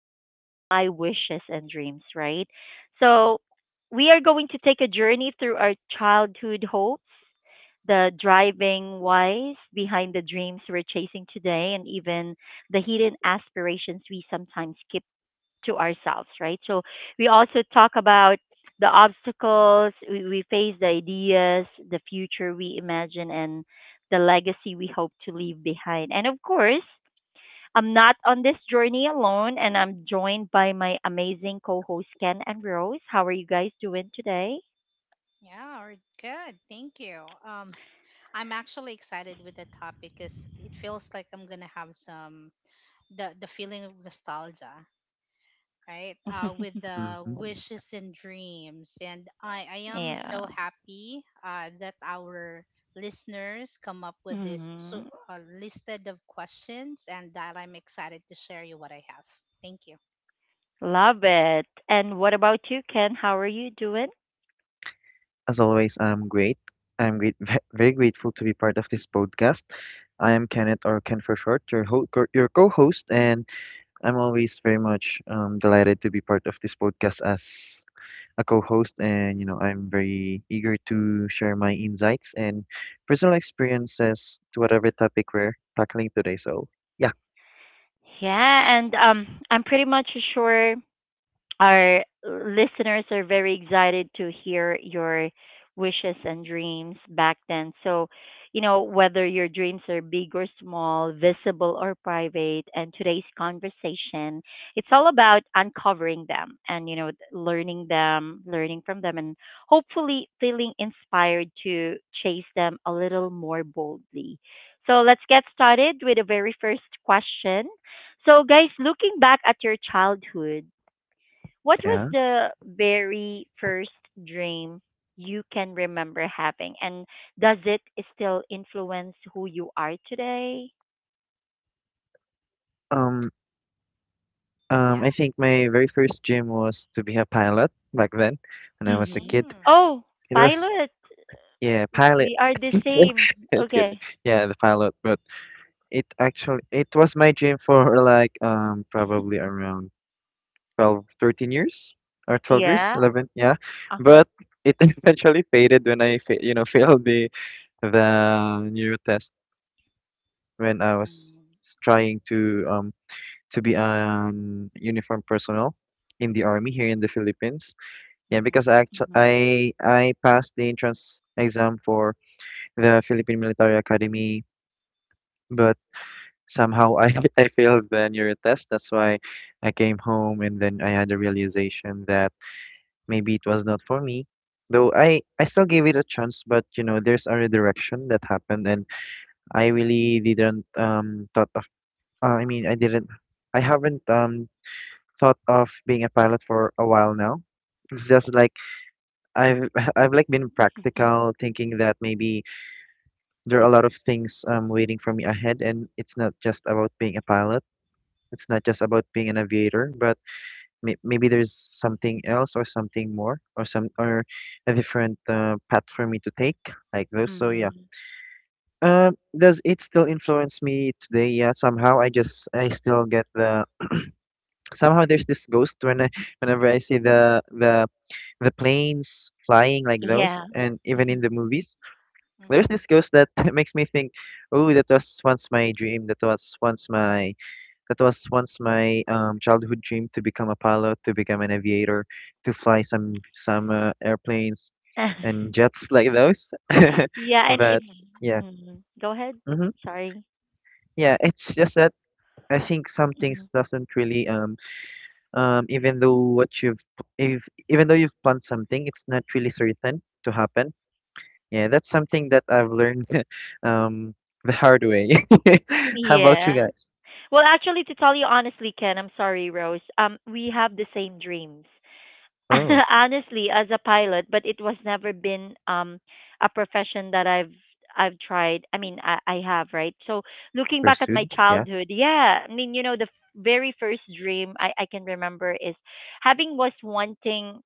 That's like my wishes and dreams, right? So, we are going to take a journey through our childhood hopes, the driving whys behind the dreams we're chasing today, and even the hidden aspirations we sometimes keep to ourselves, right? So we also talk about the obstacles we face, the ideas, the future we imagine, and the legacy we hope to leave behind. And of course, I'm not on this journey alone, and I'm joined by my amazing co hosts Ken and Rose. How are you guys doing today? Yeah, we're good. Thank you. I'm actually excited with the topic because it feels like I'm gonna have some the feeling of nostalgia, right? With the Mhm. wishes and dreams, and I am Yeah. so happy that our listeners come up with this so Hmm. Listed of questions, and that I'm excited to share you what I have. Thank you. Love it. And what about you, Ken? How are you doing? As always, I'm great. I'm great, very grateful to be part of this podcast. I am Kenneth, or Ken for short, your co-host, and I'm always very much delighted to be part of this podcast as a co-host. And you know, I'm very eager to share my insights and personal experiences to whatever topic we're tackling today. So yeah, Yeah, and I'm pretty much sure our listeners are very excited to hear your wishes and dreams back then. So, you know, whether your dreams are big or small, visible or private, and today's conversation, it's all about uncovering them and, you know, learning them, learning from them, and hopefully feeling inspired to chase them a little more boldly. So, let's get started with the very first question. So, guys, looking back at your childhood, what was yeah. the very first dream you can remember having, and does it still influence who you are today? Um, Yeah. I think my very first dream was to be a pilot back then when I was a Mm-hmm. kid. Mm. Oh, It was pilot. Yeah, We pilot. we are the same. Just kidding. Okay. Yeah, the pilot, but it actually it was my dream for like probably around 12 years, 13 years or 12 years, Yeah. 11, yeah. Uh-huh. But it eventually faded when I fa you know failed the neuro test when I was Mm. Trying to be an uniform personnel in the army here in the Philippines. Yeah, Mm-hmm. because I actually Mm-hmm. I passed the entrance exam for the Philippine Military Academy, but somehow I I failed the neuro test. That's why I came home, and then I had a realization that maybe it was not for me. Though I still gave it a chance, but you know there's a redirection that happened, and I really didn't thought of. I mean I haven't thought of being a pilot for a while now. It's just like I've I've like been practical, thinking that maybe there are a lot of things waiting for me ahead, and it's not just about being a pilot. It's not just about being an aviator, but maybe there's something else or something more , or a different path for me to take like those. So Mm-hmm. yeah. Does it still influence me today? Yeah, somehow I still get the somehow there's this ghost whenever I see the planes flying like those, Yeah. and even Hmm. in the movies, there's Mm-hmm. this ghost that makes me think, oh, that was once my dream, that was once my That was once my childhood dream to become a pilot, to become an aviator, to fly some airplanes and jets like those. Yeah, and But it's. Mm-hmm. yeah, Hmm. Go ahead. hmm Sorry. yeah, it's just that I think some Hmm. things doesn't really even though what you've if even though you've planned something, it's not really certain to happen. Yeah, that's something that I've learned um the hard way. How about you Yeah. guys? Well, actually, to tell you honestly, Ken, I'm sorry, Rose. We have the same dreams. Oh, Honestly, as a pilot, but it was never been a profession that I've tried. I mean, I have, right? So looking back at my pursued? Yeah, childhood, yeah, I mean, you know, the very first dream I can remember is having was wanting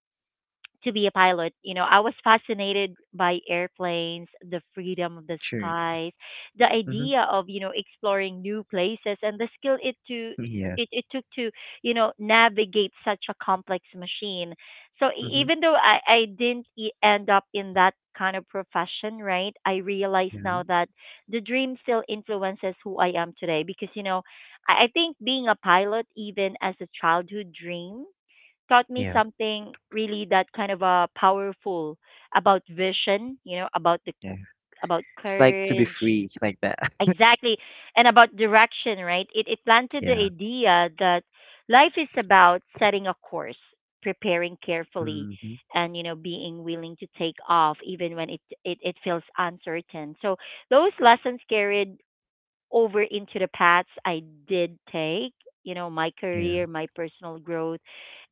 to be a pilot. You know, I was fascinated by airplanes, the freedom of the true. skies, the Mm-hmm. idea of, you know, exploring new places and the skill it to Yeah. it took to, you know, navigate such a complex machine. So even though I didn't end up in that kind of profession, right? I realize Yeah, now that the dream still influences who I am today because, you know, I think being a pilot, even as a childhood dream, taught me yeah, something really that kind of powerful about vision, you know, about the yeah. about It's like to be courage, free like that. exactly, and about direction, right? It planted the Yeah. idea that life is about setting a course, preparing carefully, Mm-hmm. and you know, being willing to take off even when it feels uncertain. So those lessons carried over into the paths I did take, you know, my Yeah. career, my personal growth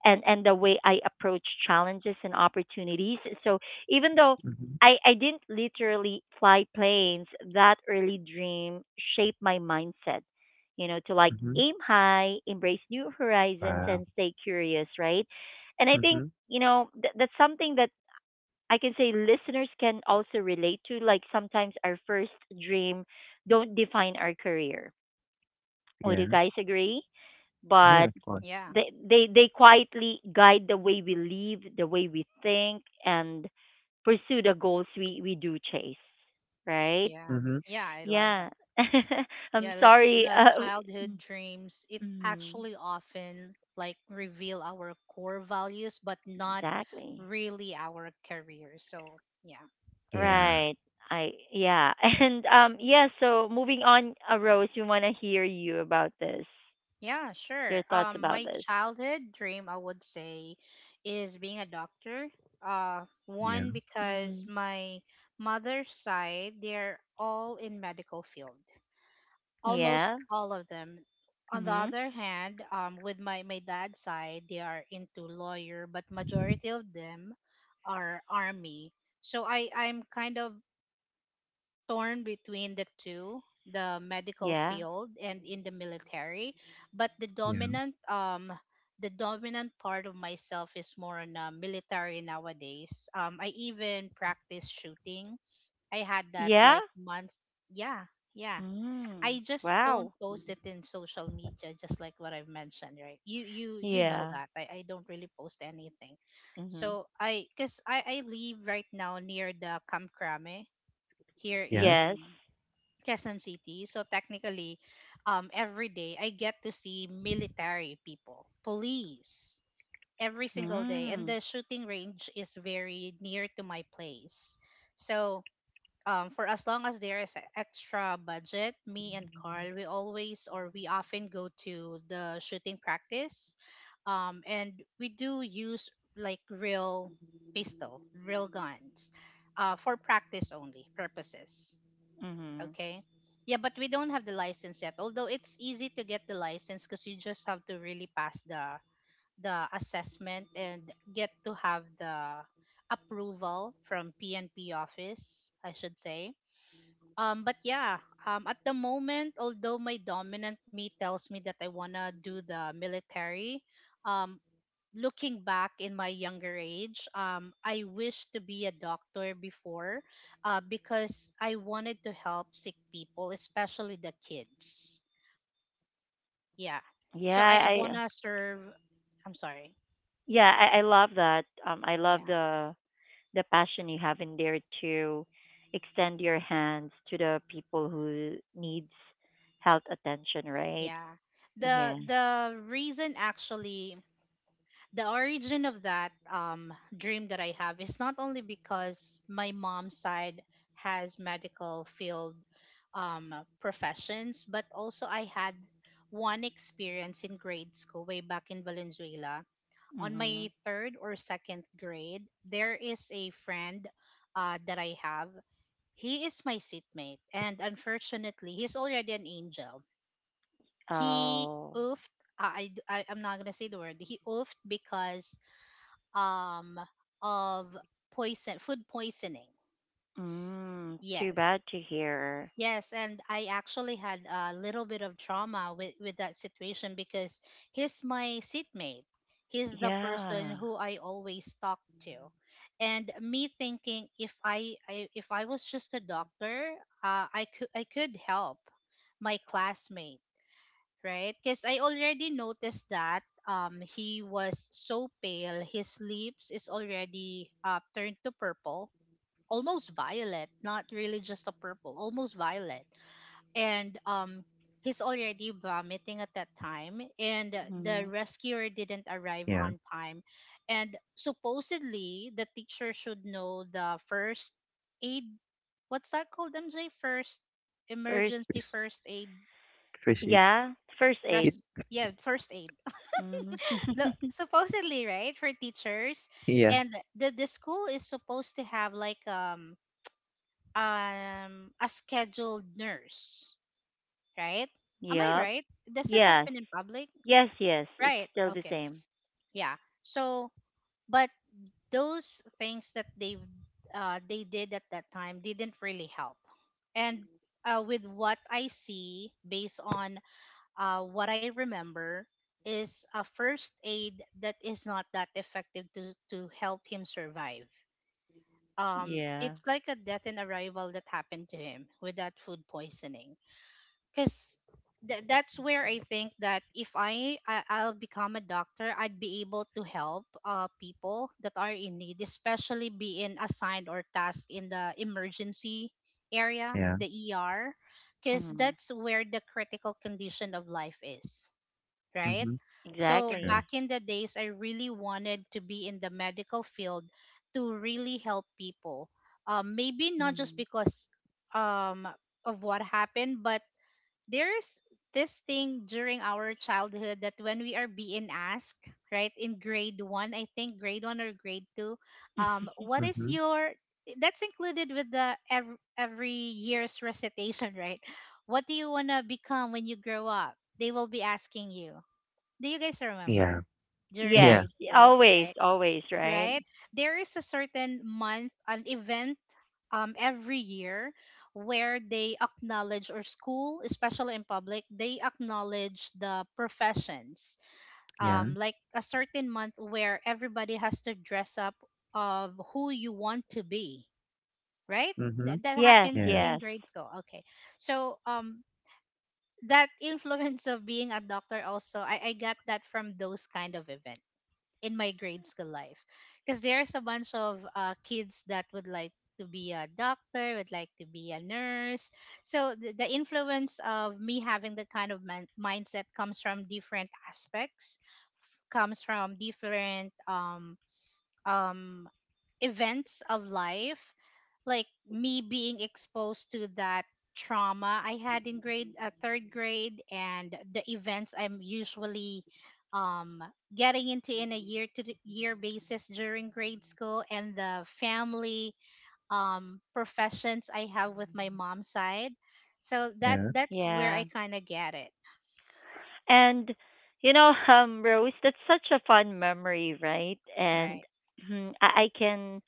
and the way I approach challenges and opportunities. So even though Mm-hmm. I didn't literally fly planes, that early dream shaped my mindset, you know, to like Mm-hmm. aim high, embrace new horizons, Wow. and stay curious, right? And I think, Mm-hmm. you know, that's something that I can say listeners can also relate to. Like sometimes our first dream don't define our career. Would you Yeah. guys agree? But Yeah, of course. Yeah. they quietly guide the way we live, the way we think, and pursue the goals we do chase. Right? Yeah. Mm-hmm. Yeah, I love Yeah. that. I'm Yeah, like sorry. the childhood dreams, it mm, actually often like reveal our core values but not exactly. really our career. So, yeah. Yeah. Right. I yeah. And yeah. So moving on, Rose, we want to hear you about this. Yeah, Your sure. thoughts Um, about my this. childhood dream I would say is being a doctor. Uh, Yeah. one because Hmm. my mother's side, they're all in medical field, almost Yeah. all of them. On the Hmm. other hand, with my dad's side, they are into lawyer, but majority of them are army. So I'm kind of torn between the two, the medical Yeah. field and in the military. But Yeah. The dominant part of myself is more on military nowadays. I even practice shooting. I had that Yeah. like months. Yeah, yeah. Mm. I just don't Wow. post it in social media, just like what I've mentioned, right? You know Yeah. that I don't really post anything. Mm-hmm. So I, because I live right now near the Kamkrame here Yeah. Yes. in Quezon City. So technically, every day I get to see military people, police every single day, and Mm. the shooting range is very near to my place. So, for as long as there is a extra budget, me and Carl, we always or we often go to the shooting practice. And we do use like real pistol, real guns, for practice only purposes. Mm-hmm. Okay. Yeah, but we don't have the license yet. Although it's easy to get the license because you just have to really pass the assessment and get to have the approval from PNP office, I should say, but yeah, at the moment, although my dominant me tells me that I wanna do the military, um, looking back in my younger age, I wish to be a doctor before, because I wanted to help sick people, especially the kids. Yeah, Yeah, so I I wanna serve. I'm sorry. yeah, I love that. I love Yeah, the passion you have in there to extend your hands to the people who needs health attention, right? yeah. The Yeah. the reason actually the origin of that dream that I have is not only because my mom's side has medical field um, professions, but also I had one experience in grade school way back in Valenzuela. On my Mhm. third or second grade, there is a friend that I have. He is my seatmate, and unfortunately, he's already an angel. He Oh. oofed. I'm not gonna say the word. He oofed because um of poison, food poisoning. Mm, too Yes, bad to hear. yes, and I actually had a little bit of trauma with that situation because he's my seatmate, he's the person Yeah. who I always talk to, and me thinking if I, I if I was just a doctor, I could help my classmate, right? Because I already noticed that um, he was so pale, his lips is already turned to purple, almost violet, not really just a purple, almost violet, and um, he's already vomiting at that time, and the Mhm. rescuer didn't arrive Yeah. on time, and supposedly the teacher should know the first aid. What's that called, MJ? First, First emergency Fish, first aid, fishy yeah, first kid. aid. res yeah, first aid, Mm. the supposedly right for teachers, Yeah. and the school is supposed to have like um a scheduled nurse, right? Am I Yep. right? Does it Yes. happen in public? Yes, yes. It's Right, still the okay. same. Yeah, so, but those things that they did at that time didn't really help, and with what I see based on what I remember is a first aid that is not that effective to help him survive. Yeah. It's like a death in arrival that happened to him with that food poisoning. Because that's where I think that if I'll become a doctor, I'd be able to help people that are in need, especially being assigned or tasked in the emergency area, Yeah. the ER, because Mm-hmm. that's where the critical condition of life is, right? Mm-hmm. So True. back Exactly. in the days, I really wanted to be in the medical field to really help people. Maybe not just Mm-hmm. because um, of what happened, but there is this thing during our childhood that when we are being asked, right, in grade one, I think grade one or grade two, what is Mm-hmm. your, that's included with the every year's recitation, right? What do you want to become when you grow up? They will be asking you, do you guys Yeah. remember during Yes. Yeah. grade school, Always, right? always, right? Right, there is a certain month, an event um, every year where they acknowledge or school especially in public, they acknowledge the professions, Yeah. um, like a certain month where everybody has to dress up of who you want to be, right? Mm-hmm. That that Yes, happens Yeah. in yes. grade school, okay? So um, that influence of being a doctor also, I got that from those kind of event in my grade school life because there's a bunch of kids that would like to be a doctor, would like to be a nurse. So the influence of me having that kind of mindset comes from different aspects, comes from different um events of life, like me being exposed to that trauma I had in grade third grade, and the events I'm usually um, getting into in a year to year basis during grade school, and the family um, professions I have with my mom's side. So that, Yeah. that's where Yeah. I kind of get it, And you know, Rose, that's such a fun memory, right? And right. I can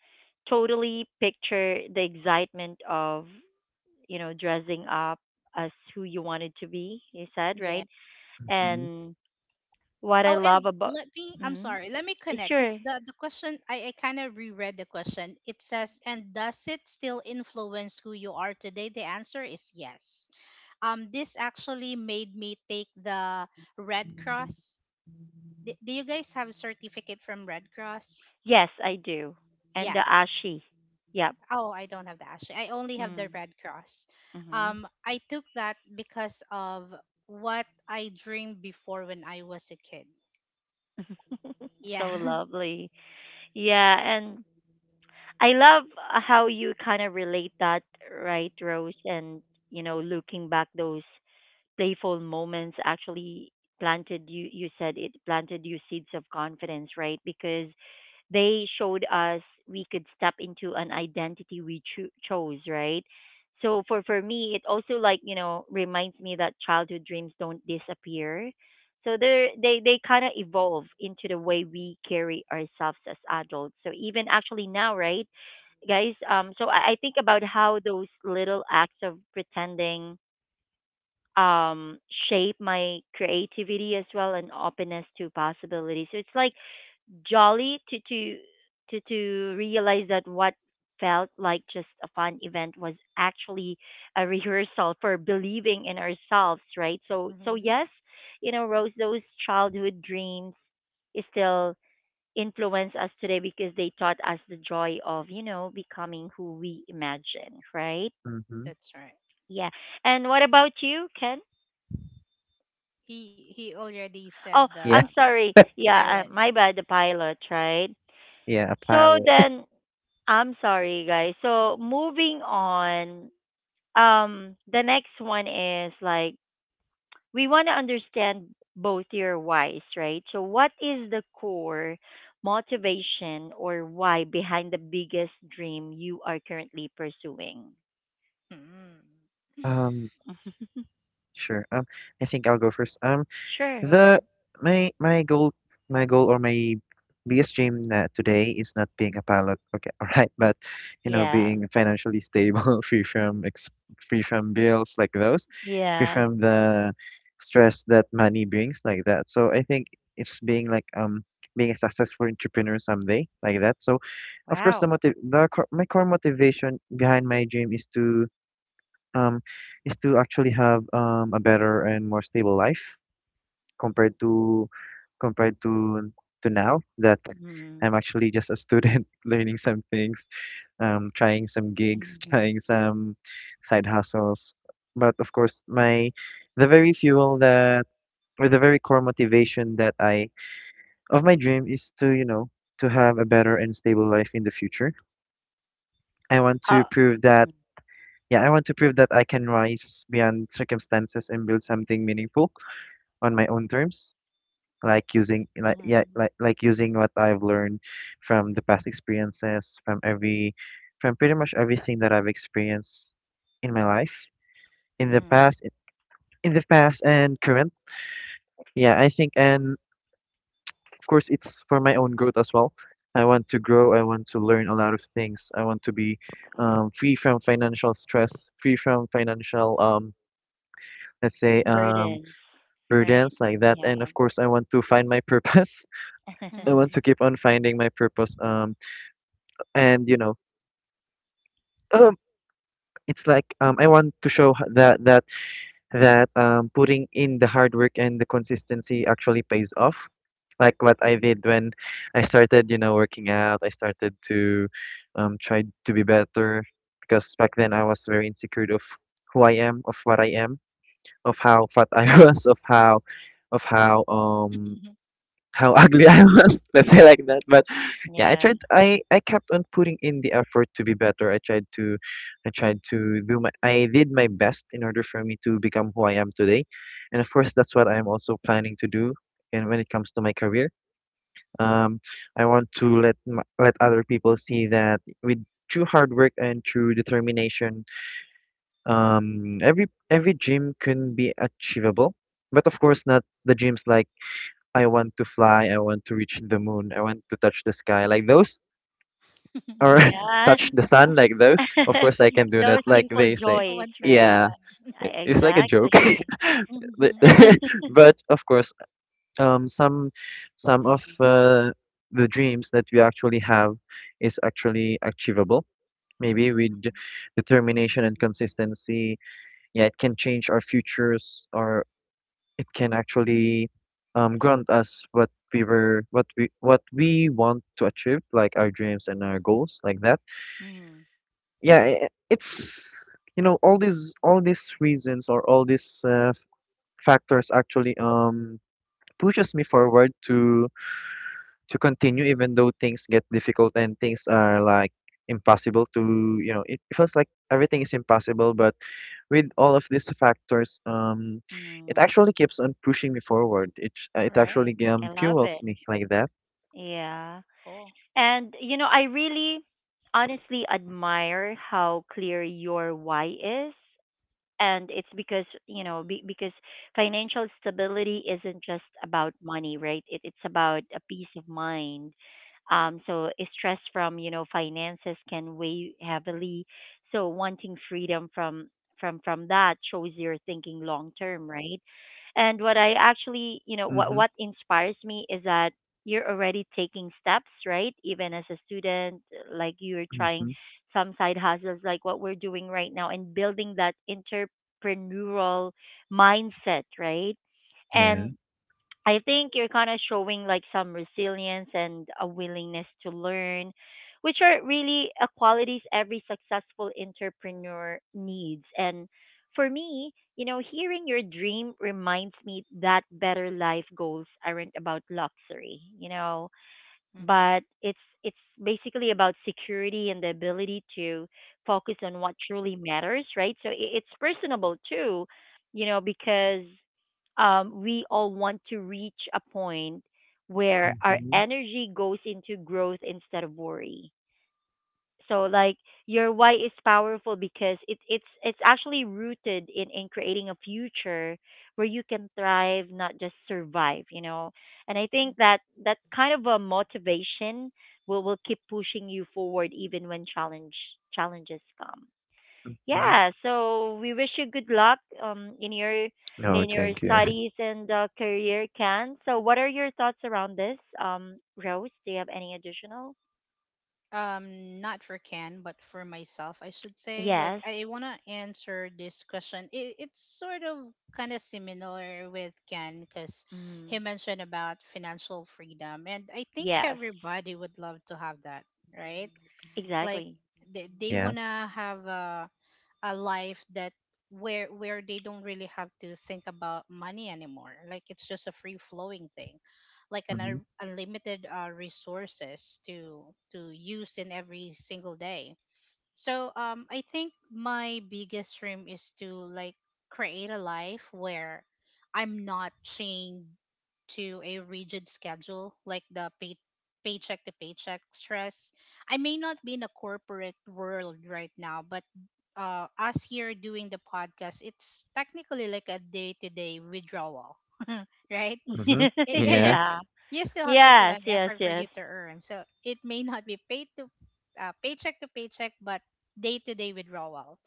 totally picture the excitement of, you know, dressing up as who you wanted to be, you said, Yeah. right? Mm-hmm. And what I Oh, love and about let me, I'm mm, sorry, let me connect because sure, the question, I kind of reread the question. It says, and does it still influence who you are today? The answer is yes. This actually made me take the Red Cross. D- do you guys have a certificate from Red Cross? yes, I do, and the Yes. ashi, yep, Oh, I don't have the actually. I only have the mm, Red Cross. mm-hmm. I took that because of what I dreamed before when I was a kid. Yeah. So lovely, yeah, and I love how you kind of relate that, right, Rose, and you know, looking back those playful moments actually planted you you said it planted you seeds of confidence right because they showed us we could step into an identity we chose, right? So for me, it also like you know reminds me that childhood dreams don't disappear. So they kind of evolve into the way we carry ourselves as adults. So even actually now, right, guys? So I think about how those little acts of pretending um shape my creativity as well and openness to possibility. So it's like jolly to realize that what felt like just a fun event was actually a rehearsal for believing in ourselves, right? So so hmm. yes, you know, Rose, those childhood dreams still influence us today because they taught us the joy of, you know, becoming who we imagine, right? Mm-hmm. That's right. Yeah. And what about you, Ken? He already said Oh, the Yeah. I'm sorry. pilot. Yeah, my bad, the pilot, right? Yeah. A So pilot. then I'm sorry, guys. So moving on, the next one is like we want to understand both your whys, right? So what is the core motivation or why behind the biggest dream you are currently pursuing? Mm. Um. Mhm. Sure. I think I'll go first. Sure. Go The ahead. my my goal my goal or my biggest dream today is not being a pilot, okay, all right, but you know, Yeah. being financially stable, free from bills like those, free Yeah. from the stress that money brings like that. So I think it's being like being a successful entrepreneur someday like that. So of course the Wow. motive the core, my core motivation behind my dream um is to actually have a better and more stable life compared to compared to now that Mm-hmm. I'm actually just a student learning some things, trying some gigs, Mm-hmm. trying some side hustles. But of course, my the very fuel that the very core motivation that I of my dream is to, you know, to have a better and stable life in the future. I want Uh, to prove that mm, yeah, I want to prove that I can rise beyond circumstances and build something meaningful on my own terms, like using like yeah Mm-hmm. Like using what I've learned from the past experiences from every from pretty much everything that I've experienced in my life in the Mm-hmm. past in the past and current. Yeah, I think, and of course it's for my own growth as well. I want to grow, I want to learn a lot of things, I want to be free from financial stress, free from financial let's say burdens, right? burdens like that, and Yeah. of course I want to find my purpose. I want Mm-hmm. to keep on finding my purpose and you know, um it's like I want to show h- that that that putting in the hard work and the consistency actually pays off, like what I did when I started you know working out. I started to try to be better because back then I was very insecure of who I am, of what I am, of how fat I was, of how ugly I was. Let's say like that. But yeah, I Yeah. tried. I kept on putting in the effort to be better. I tried to do my. I did my best in order for me to become who I am today, and of course that's what I'm also planning to do. And when it comes to my career, um, I want to let other people see that with true hard work and true determination, every dream can be achievable. But of course, not the dreams like I want to fly, I want to reach the moon, I want to touch the sky like those, or Yeah. touch the sun like those. Of course, I can do Those that, like simple they say. no joys, one can right? do Yeah, that. I, it- it's like a joke. exactly. But Mhm. but of course, um, some some of Mhm, the dreams that we actually have is actually achievable. Maybe with Mhm. determination and consistency, yeah, it can change our futures, our it can actually grant us what we want to achieve, like our dreams and our goals like that. mhm, Yeah, it's, you know, all these reasons or all these factors actually pushes me forward to continue even though things get difficult and things are like impossible to you know it feels like everything is impossible, but with all of these factors, it mhm. actually keeps on pushing me forward. It actually Right. I love fuels it. me like that. Yeah. Cool. And, you know, I really honestly admire how clear your why is. And it's because you know be, because financial stability isn't just about money, right? It, it's about a peace of mind. So stress from you know finances can weigh heavily, so wanting freedom from that shows you're thinking long term, right? And what I actually, you know, Mhm. what inspires me is that you're already taking steps, right, even as a student, like you're trying Mhm. some side hustles like what we're doing right now and building that entrepreneurial mindset, right? Yeah. And I think you're kind of showing like some resilience and a willingness to learn, which are really a qualities every successful entrepreneur needs. And for me, you know, hearing your dream reminds me that better life goals aren't about luxury. You know, Hmm. but it's basically about security and the ability to focus on what truly matters, right? So it's personable too, you know, because we all want to reach a point where our Mhm. energy goes into growth instead of worry. So like your why is powerful because it it's actually rooted in creating a future where you can thrive, not just survive, you know. And I think that that kind of a motivation will keep pushing you forward even when challenge challenges come. Mhm. Yeah, so we wish you good luck No, in your thank you. studies and career, Can. So what are your thoughts around this? Um, Rose, do you have any additional? Um, not for Ken but for myself I should say, like Yes. I want to answer this question. It's sort of kind of similar with Ken because he Mm. mentioned about financial freedom and I think Yes, everybody would love to have that, right? Like exactly. they Yeah. want to have a life that, where they don't really have to think about money anymore, like it's just a free flowing thing, like an Mhm. Unlimited resources to use in every single day. So um, I think my biggest dream is to like create a life where I'm not chained to a rigid schedule, like the paycheck to paycheck stress. I may not be in a corporate world right now, but uh, us here doing the podcast, it's technically like a day-to-day withdrawal, right? Mhm. it, it, Yeah. it Yeah. You still have to put Yes, an yes, effort for you yes. to earn. So it may not be paid to paycheck to paycheck, but day to day withdrawal.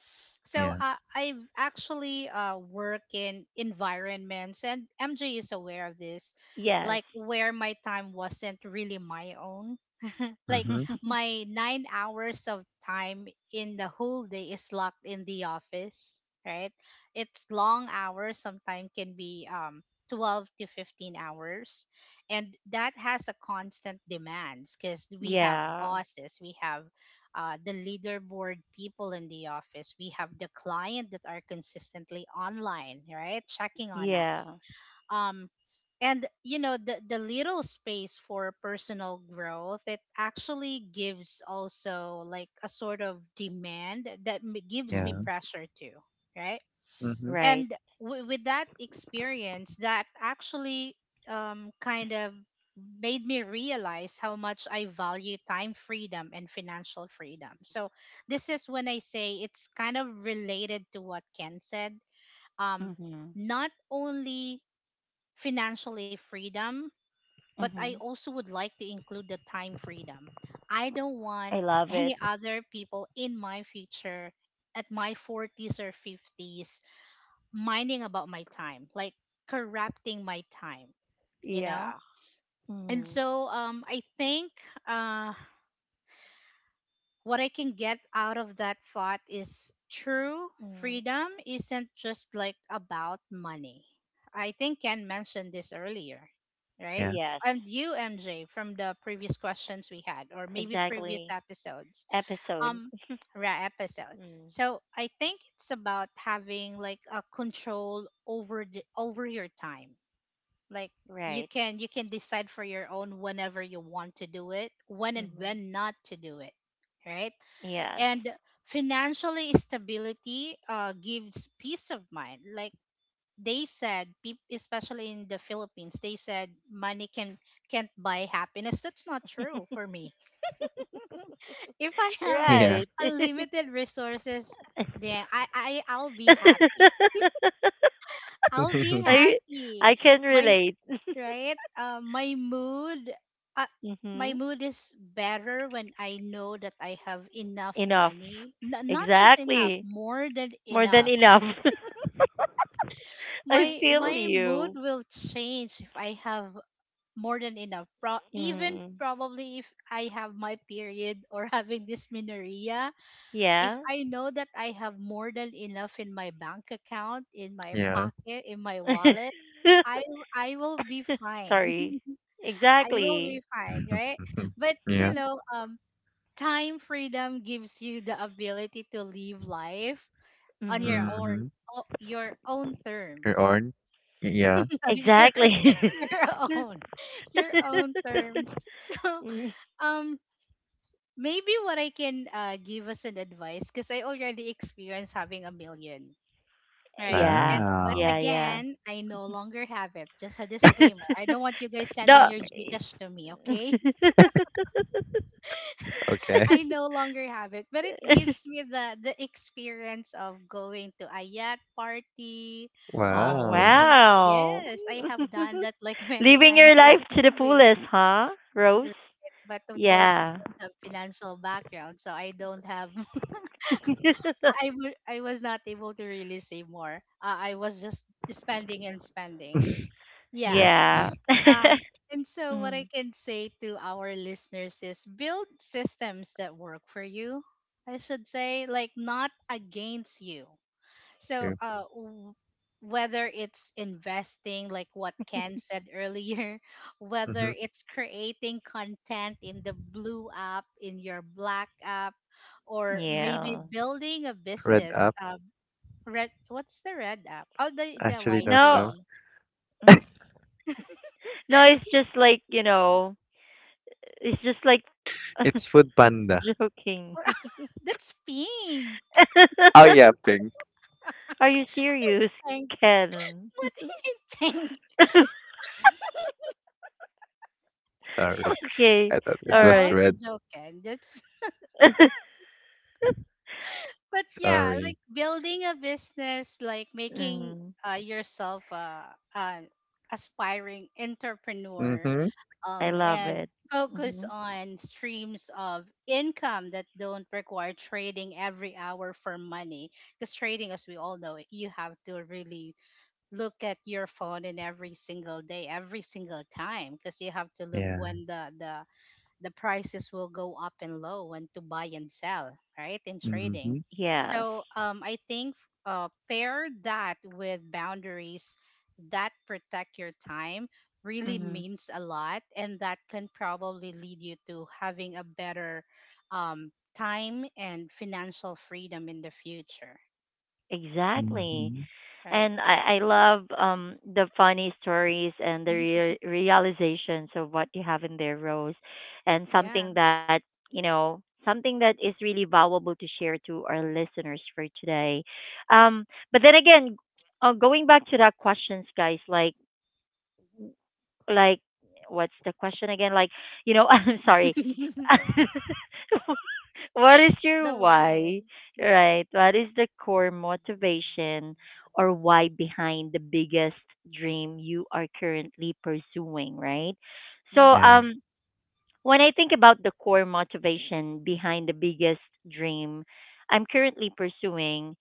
So Yeah. I've actually work in environments, and MJ is aware of this, Yes. like where my time wasn't really my own. like Mhm. my 9 hours of time in the whole day is locked in the office, right? It's long hours. Sometimes can be um, 12 to 15 hours, and that has a constant demands because we have Yeah. bosses, we have the leaderboard people in the office, we have the client that are consistently online, right, checking on us, Yeah. um, and you know the little space for personal growth, it actually gives also like a sort of demand that gives me Yeah. Mm. pressure too, right? Mhm. Right. And with that experience that actually kind of made me realize how much I value time freedom and financial freedom. So this is when I say it's kind of related to what Ken said. Um, Mhm. not only financially freedom, but I Mhm. also would like to include the time freedom. I don't want I love any it. other people in my future at my 40s or 50s minding about my time, like corrupting my time, you know? Yeah. And Mm. so I think uh, what I can get out of that thought is true Mm. freedom isn't just like about money. I think Ken mentioned this earlier, right? Yeah. Yes. And you, MJ, from the previous questions we had, or maybe previous Exactly. episodes, Episode. um, ra episode. Mm. So I think it's about having like a control over over your time like you Right. can you can decide for your own whenever you want to do it when and Mhm. when not to do it, right? Yes. And financially stability gives peace of mind. Like they said especially in the Philippines, they said money can can't buy happiness. That's not true for me. If I have Yeah. Right. unlimited resources, then I'll be happy. I'll be I happy. I can My relate. my uh, my Mhm. mood is better when I know that I have enough Enough. money. Not just enough, Exactly. more than More than enough. enough. I My feel my mood you. will change if I have more than enough. Even Mm. probably if I have my period or having dysmenorrhea, if Yeah. I know that I have more than enough in my bank account, in my Yeah. pocket, in my wallet. I I will be fine. Sorry. I will be Exactly. fine, right? But you Yeah. know, um, Time freedom gives you the ability to live life on your Hmm. own, Mhm. Your own You're terms, orange? Yeah. your Exactly. your own, your own terms. So, Mm. um, maybe what I can give us an advice, because I already experienced having a million. Right. Yeah. And but Wow. Yeah, yeah. again, I no longer have it. Just a disclaimer, I don't want you guys sending No. your Gcash to me, okay? Okay. I no longer have it, but it gives me the experience of going to a yacht party, Oh, Wow. booking. wow. Yes, I have done that like many Living times your in life to the 2 weeks, fullest, huh, Rose? right? But of course, I Yeah. don't have financial background, so I don't have. I was not able to really save more. I was just spending and spending. Yeah, Yeah. Yeah. Um, and so what I Mm. can say to our listeners is build systems that work for you. I should say, like, not against you. So, true. Whether it's investing, like what Ken said earlier, whether Mm-hmm. it's creating content in the blue app, in your black app, or maybe Yeah. building a Red business. up. Red, what's the red app? Oh, the Actually, don't No, know. YT. no, it's just like, you know, it's just like It's Food Panda. joking. That's pink. Oh yeah, pink. Are you serious, I Ken? What did you think? Sorry. Okay. I thought No, it All that was was right. a red. joke, and that's. But yeah, Sorry. like building a business, like making Mm. Yourself a aspiring entrepreneur, Mm-hmm. I love and it. focus Hmm. on streams of income that don't require trading every hour for money. Because trading, as we all know, you have to really look at your phone in every single day, every single time, because you have to look Yeah. when the prices will go up and low and to buy and sell, right? In trading. Mm-hmm. Yes. So I think pair that with boundaries that protect your time really Hmm. means a lot. And that can probably lead you to having a better um, time and financial freedom in the future, Exactly. Mm-hmm. right? And I love the funny stories and the realizations of what you have in their roles, and Yeah. something that you know, something that is really valuable to share to our listeners for today. Um, but then again, going back to that questions, guys, like what's the question again? Like you know, I'm sorry. What is The your why. why? Yeah. Right? What is the core motivation or why behind the biggest dream you are currently pursuing, right? So Mm-hmm. Yeah. When I think about the core motivation behind the biggest dream I'm currently pursuing,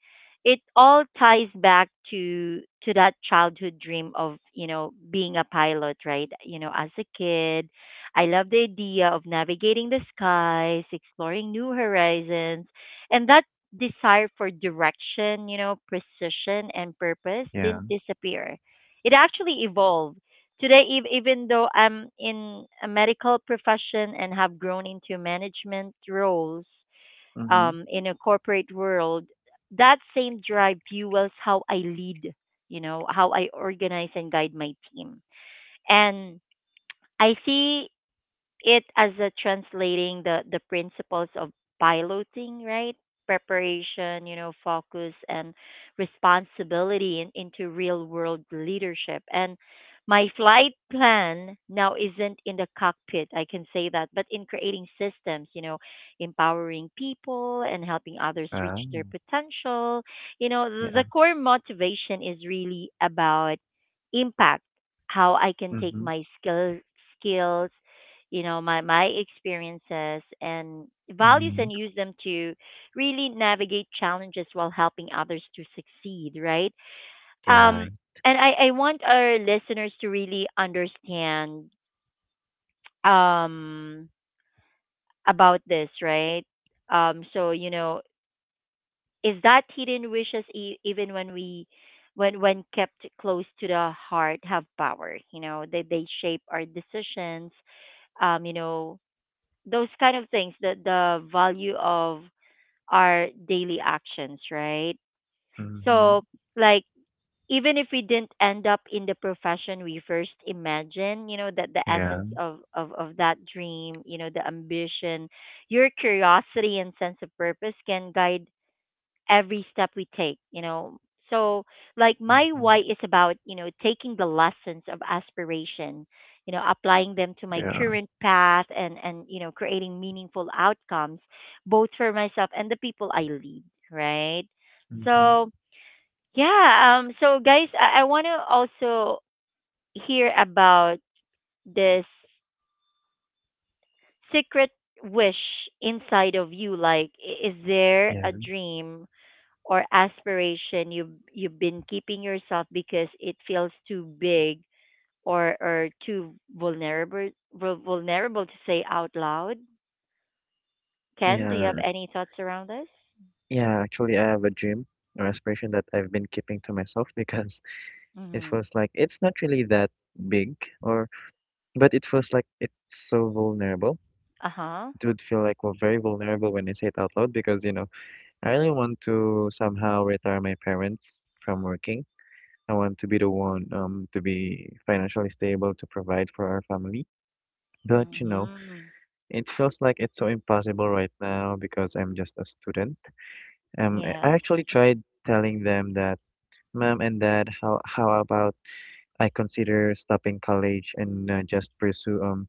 it all ties back to that childhood dream of, you know, being a pilot, right? You know, as a kid, I love the idea of navigating the skies, exploring new horizons, and that desire for direction, you know, precision and purpose Yeah. didn't disappear. It actually evolved. Today, even though I'm in a medical profession and have grown into management roles Mm-hmm. In a corporate world, that same drive fuels how I lead, you know, how I organize and guide my team. And I see it as a translating the principles of piloting, right? Preparation, you know, focus and responsibility into real world leadership. And my flight plan now isn't in the cockpit, I can say that, but in creating systems, you know, empowering people and helping others reach Wow. their potential. You know, the, Yeah. the core motivation is really about impact, how I can take Mm-hmm. my skills, you know, my experiences and values Mm-hmm. and use them to really navigate challenges while helping others to succeed, right? Yeah. Um and i i want our listeners to really understand um about this, right? So, you know, is that hidden wishes, even when we, when kept close to the heart, have power. You know, they shape our decisions. You know, those kind of things, the value of our daily actions, right? Mm-hmm. So, like, even if we didn't end up in the profession we first imagined, you know that the Yeah. essence of that dream, you know, the ambition, your curiosity and sense of purpose can guide every step we take, you know. So, like, my Mm-hmm. why is about, you know, taking the lessons of aspiration, you know, applying them to my Yeah. current path and, you know, creating meaningful outcomes, both for myself and the people I lead, right? Mm-hmm. Mm-hmm. So, yeah. So, guys, I want to also hear about this secret wish inside of you. Like, is there a Yeah. dream or aspiration you've been keeping yourself because it feels too big or too vulnerable to say out loud? Ken, do you Yeah. have any thoughts around this? Yeah, actually, I have a dream or aspiration that I've been keeping to myself because it Mm-hmm. feels like it's not really that big, or but it feels like it's so vulnerable. Uh huh. It would feel like well, very vulnerable when I say it out loud, because you know I really want to somehow retire my parents from working. I want to be the one to be financially stable to provide for our family. But you know, Mm-hmm. it feels like it's so impossible right now because I'm just a student. I Yes. actually tried telling them that. Mom and Dad, how about I consider stopping college and just pursue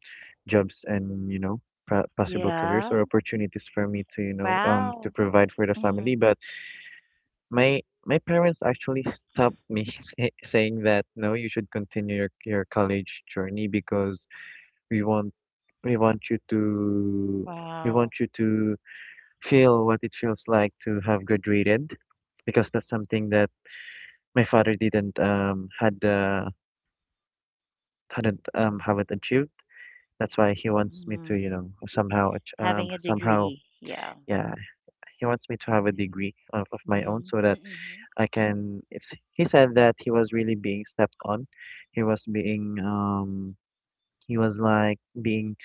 jobs, and you know possible careers Yeah. or opportunities for me to you know to Wow. provide for the Mm-hmm. family. But my my parents actually stopped me, saying that no, you should continue your college journey because we want we want you to we Wow. want you to feel what it feels like to have graduated, because that's something that my father didn't had the hadn't haven't achieved. That's why he wants me Mm-hmm. to, you know, Having a somehow degree. Yeah. yeah, he wants me to have a degree of my own Mm-hmm. so that Mm-hmm. I can it's, he said that he was really being stepped on. He was being he was like being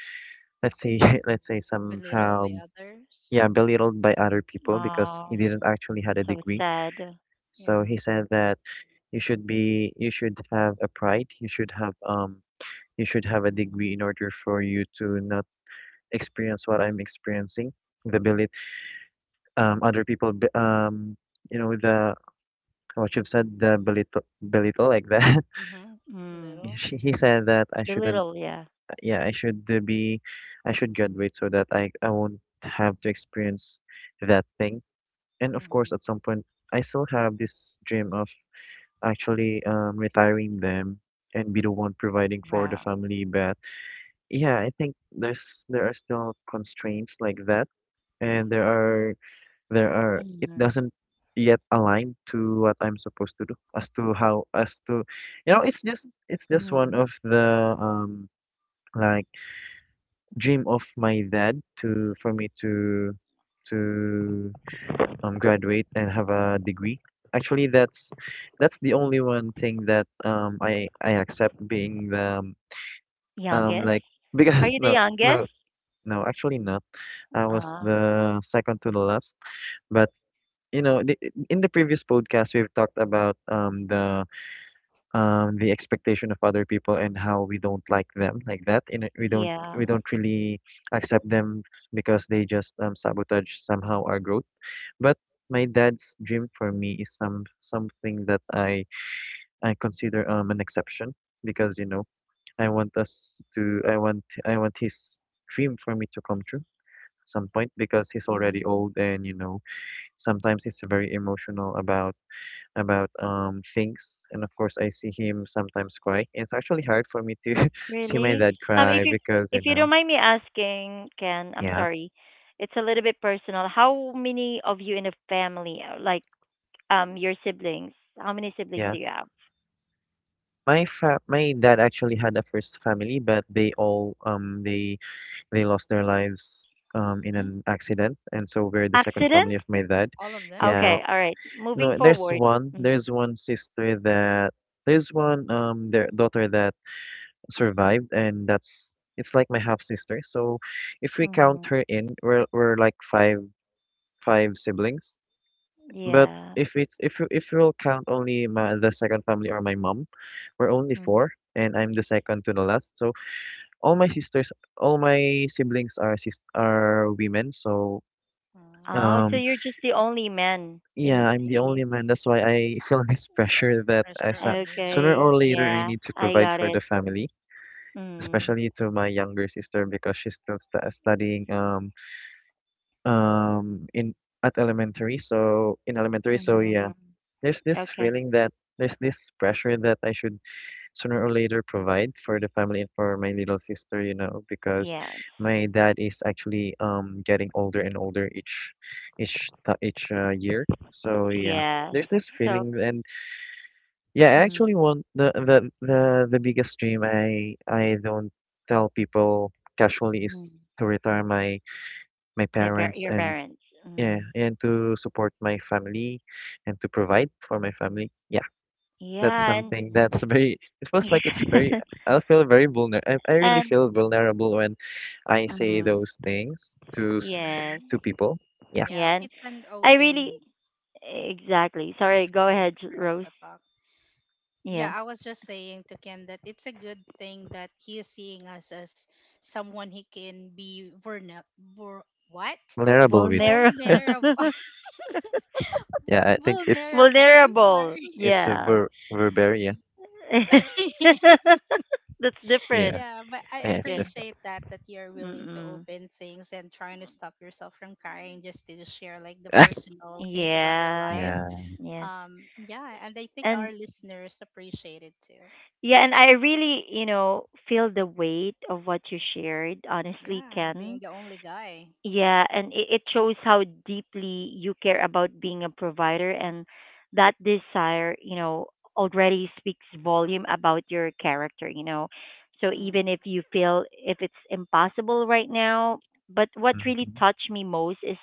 let's say let's say Belittled somehow by others. yeah, belittled by other people because he Oh, didn't Mm-hmm. actually had a so degree. sad. So Yeah. he said that you should have a pride, you should have a degree in order for you to not experience what I'm experiencing, the belit other people you know the what you've said the belittle like that. Mm-hmm. The Mm. little. He said that I shouldn't Belittle. Yeah. yeah I should be I should graduate so that I won't have to experience that thing. And of course, Mm-hmm. at some point I still have this dream of actually retiring them and be the one providing for the Wow. family. But yeah, I think there are still constraints like that, and there are it Mm-hmm. doesn't yet align to what I'm supposed to do, as to how, as to you know it's just one of the like dream of my dad, to for me to graduate and have a degree. Actually, that's the only one thing that I accept being the, Youngest? like. Are Because you the no, youngest? no, no, actually not. I was Uh, the second to the last, but you know, the, in the previous podcast, we've talked about the expectation of other people and how we don't like them like that. And we don't yeah. we don't really accept them because they just sabotage somehow our growth. But my dad's dream for me is something that I consider an exception because, I want his dream for me to come true at some point, because he's already Mm, old and, sometimes he's very emotional about things, and of course I see him sometimes cry. It's actually hard for me to see my really? dad Um, if cry you because, if you you know. don't mind me asking, Ken, I'm Yeah, sorry, it's a little bit personal. How many of you in the family, like, your siblings? How many siblings yeah, do you have? My dad actually had a first family, but they all, they lost their lives in Mm. an accident, and so we're the second family Accident? of my dad. All of them. Yeah, Okay, all right. Moving no, forward. Mm, there's one, their daughter that survived, and that's it's like my half sister. So if we count mm, her in, we're like five siblings. But yeah. If you'll count only the second family or my mom, we're only Mm. four, and I'm the second to the last. So all my sisters, all my siblings are women. So Mm. Oh, so um you're just the only man yeah, in I'm the in. your- only man. That's why I feel this pressure that, Pressure on you. sooner Okay, or later I yeah, need to I provide got for it. the family. Mm. Especially to my younger sister, because she's still studying, in at elementary. So in elementary So yeah, Mm, there's this okay. feeling that there's this pressure that I should sooner or later provide for the family and for my little sister, because Yes. my dad is actually getting older and older each year. So yeah, Yes. there's this So, feeling, and yeah, I mm, actually want, the biggest dream I don't tell people casually, mm, is to retire my parents, your and parents. yeah, Mm, and to support my family and to provide for my family. Yeah. That's yeah, and something Mm-hmm. that's very, it feels like it's very, I feel very vulnerable. I really and feel vulnerable when I say mm, those things yes, Mm-hmm. to people. Yeah, Yeah, yeah. And it's an I really, open, exactly. Sorry. safe Go place ahead, for us Rose. to talk. Yeah, Yeah. I was just saying to Ken that it's a good thing that he is seeing us as someone he can be vulnerable. Ver- what? vulnerable with. Vulnerable. Vulnerable. Yeah, I think it's Vulnerable. I'm Vulnerable. sorry. it's a Yeah. Verbaria. That's Yeah, different. Yeah, but yeah, I it's Okay. different. appreciate that you're willing to Mm-mm. open things and trying to stop yourself from crying just to share like the personal things about your Yeah. life. Yeah. Yes. Um, yeah, and I think our And listeners appreciate it too. Yeah, and I really, you know, feel the weight of what you shared, honestly, Yeah, being Ken. the only guy. Yeah, and it shows how deeply you care about being a provider, and that desire, you know, already speaks volume about your character, you know. So Mm. even if you feel if it's impossible right now, but what really Hmm. touched me most is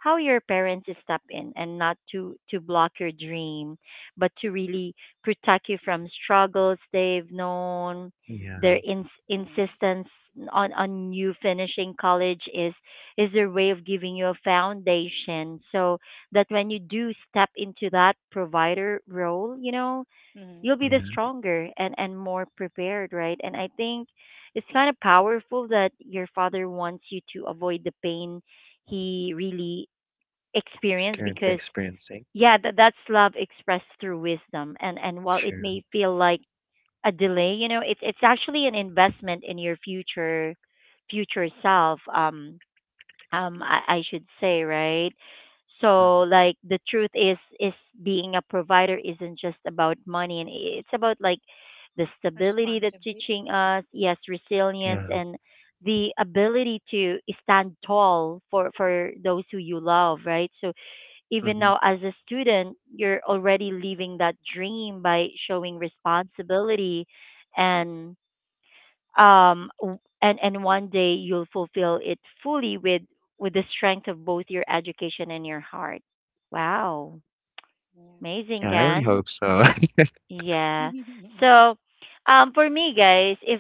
how your parents step in and not to block your dream, but to really protect you from struggles they've known. Yeah, Their Mm. insistence on you finishing college is their way of giving you a foundation so that when you do step into that provider role, you know, Mm. you'll be the yeah. stronger and more prepared, right? And I think it's kind of powerful that your father wants you to avoid the pain he really It's experienced Ex- currently because, experiencing. yeah, that's love expressed through wisdom. And while it Sure. may feel like a delay, you know, it's actually an investment in your future self. I should say, right? So, Hmm. like, the truth is being a provider isn't just about money, and it's about, like, the stability that's responsibility. teaching us, yes, resilience Yeah. and the ability to stand tall for those who you love, right? So even Hmm. now, as a student, you're already living that dream by showing responsibility, and w- and one day you'll fulfill it fully with the strength of both your education and your heart. Wow, Yeah. amazing, Yeah, I really Ken. hope so. Yeah. So, for me, guys, if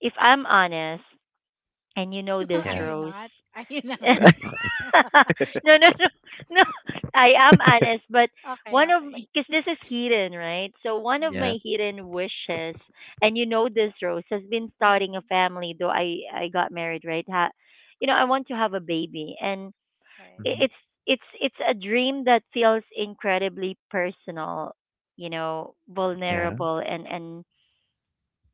if I'm honest, and you know this, Are Yeah. you Rose. not? Are you not? No, no, no, no. I am honest, but Okay, one of okay. because this is hidden, right? So one of Yeah. my Mhm. hidden wishes, and you know this, Rose, has been starting a Mhm. family. Though I got married, right? Ha, you know, I want to have a baby, and Right. i- Hmm. it's it's a dream that feels incredibly personal, you know, Yeah. vulnerable, and and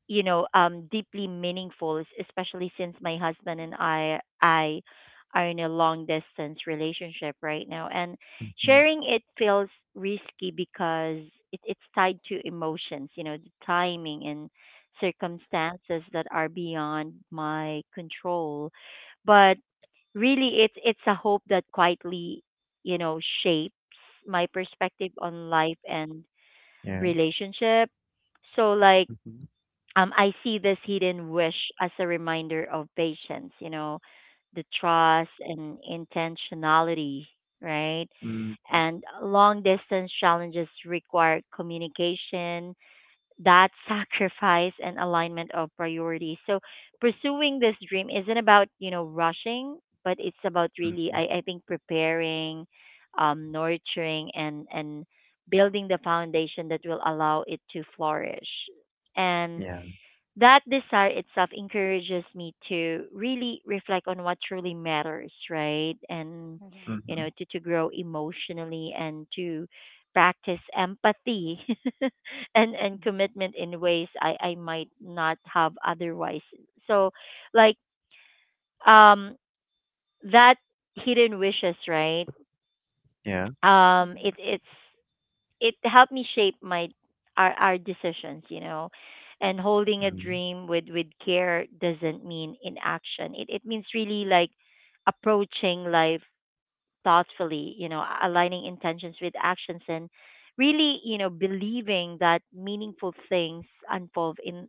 you know um deeply meaningful, especially since my husband and I are in a long distance relationship right now, and Hmm. sharing it feels risky because it's tied to emotions, you know, the timing and circumstances that are beyond my control. But really, it's a hope that quietly, you know, shapes my perspective on life and Yeah. relationship. So, like, I see this hidden wish as a reminder of patience, you know, the trust and intentionality, right? Hmm. Hmm. And long distance challenges require communication, that sacrifice and alignment of priorities. So, pursuing this dream isn't about, you know, rushing, but it's about really, Hmm. I think, preparing, nurturing, and building the foundation that will allow it to flourish. And Yeah. that desire itself encourages me to really reflect on what truly matters, right? And, Mhm. you Mhm. know, to grow emotionally and to practice empathy and Mhm. commitment in ways I might not have otherwise. So, like, um that hidden wishes, right? Yeah. Um, it Mhm. it's it helped me shape my, our decisions, you know. And holding a Mhm. dream with care doesn't mean inaction. It means, really, like, approaching life thoughtfully, you know, aligning intentions with actions and, really, you know, believing that meaningful things unfold in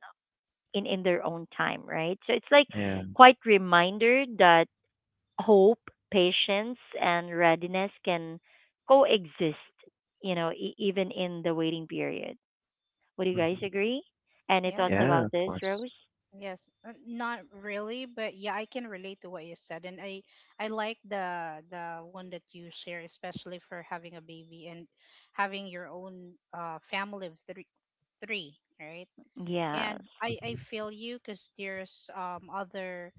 in in their own time, right? So it's like Yeah. quite reminder that hope, patience, and readiness can coexist, you know, even in the waiting period. Would you guys Mhm. agree? Any Yeah. thoughts about Yeah, of this, course. Rose? Yes, not really, but yeah, I can relate to what you said, and I like the one that you share, especially for having a baby and having your own family of three, right? And Yes. I Mhm. feel you because there's other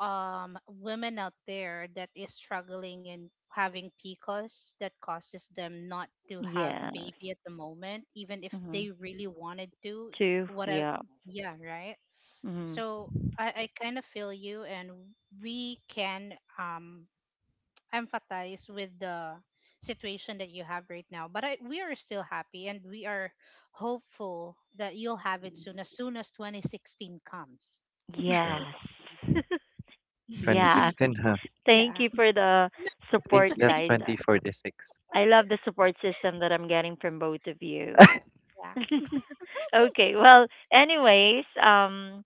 women out there that is struggling and having PCOS that causes them not to have Yes. baby at the moment, even if Hmm. they really wanted to. Two. What a Yeah. yeah, right? Hmm. So I kind of feel you, and we can empathize with the situation that you have right now. But I, we are still happy, and we are hopeful that you'll have it soon as 2016 comes. True. Yes. Yeah. Yeah. 2016, huh? Thank you for the No, I think support, that's 2026. guys. 2046. I love the support system that I'm getting from both of you. Yeah. Okay. Well, anyways,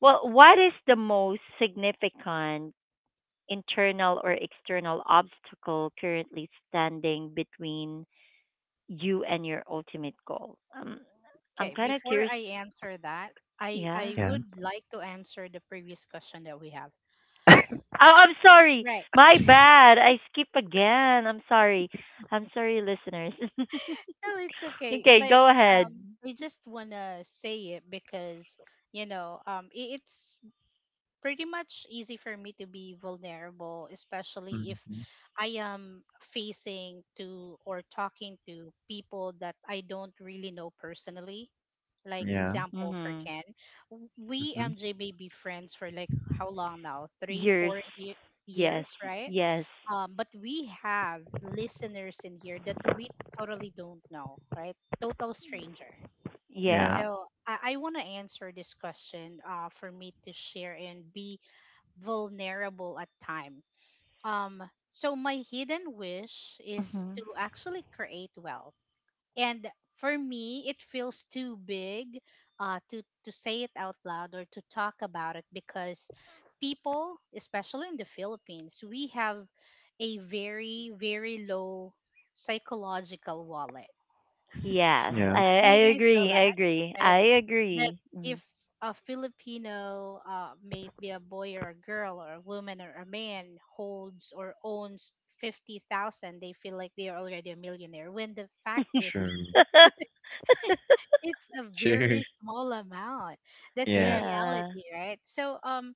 well, what is the most significant internal or external obstacle currently standing between you and your ultimate goal? I'm Okay. kind of Before curious. I answer that, Yeah. I Yeah. would like to answer the previous question that we have. Oh, I'm sorry. Right. My bad. I skip again. I'm sorry. I'm sorry, listeners. No, it's okay. Okay, But go ahead. I just wanna say it because it's pretty much easy for me to be vulnerable, especially if Mhm. I am facing to or talking to people that I don't really know personally. Like Yeah. example for Mm-hmm. Ken, w- we Mhm. MJ, may be friends for like how long now? Three, Years. four Yes. years, right? Yes. But we have listeners in here that we totally don't know, right? Total stranger. Yeah. Yeah. So I want to answer this question, for me to share and be vulnerable at time. Um, so my hidden wish is Mm-hmm. to actually create wealth, and for me it feels too big to say it out loud or to talk about it, because people, especially in the Philippines, we have a very low psychological wallet. Yes, I Yeah. Do I you guys know agree. I that, agree. right? I That agree. Mm-hmm. if a Filipino, may it be a boy or a girl or a woman or a man, holds or owns 50,000, they feel like they are already a millionaire, when the fact is, True. it's it's a True. very small amount. That's the Yeah. Yeah. reality, right? So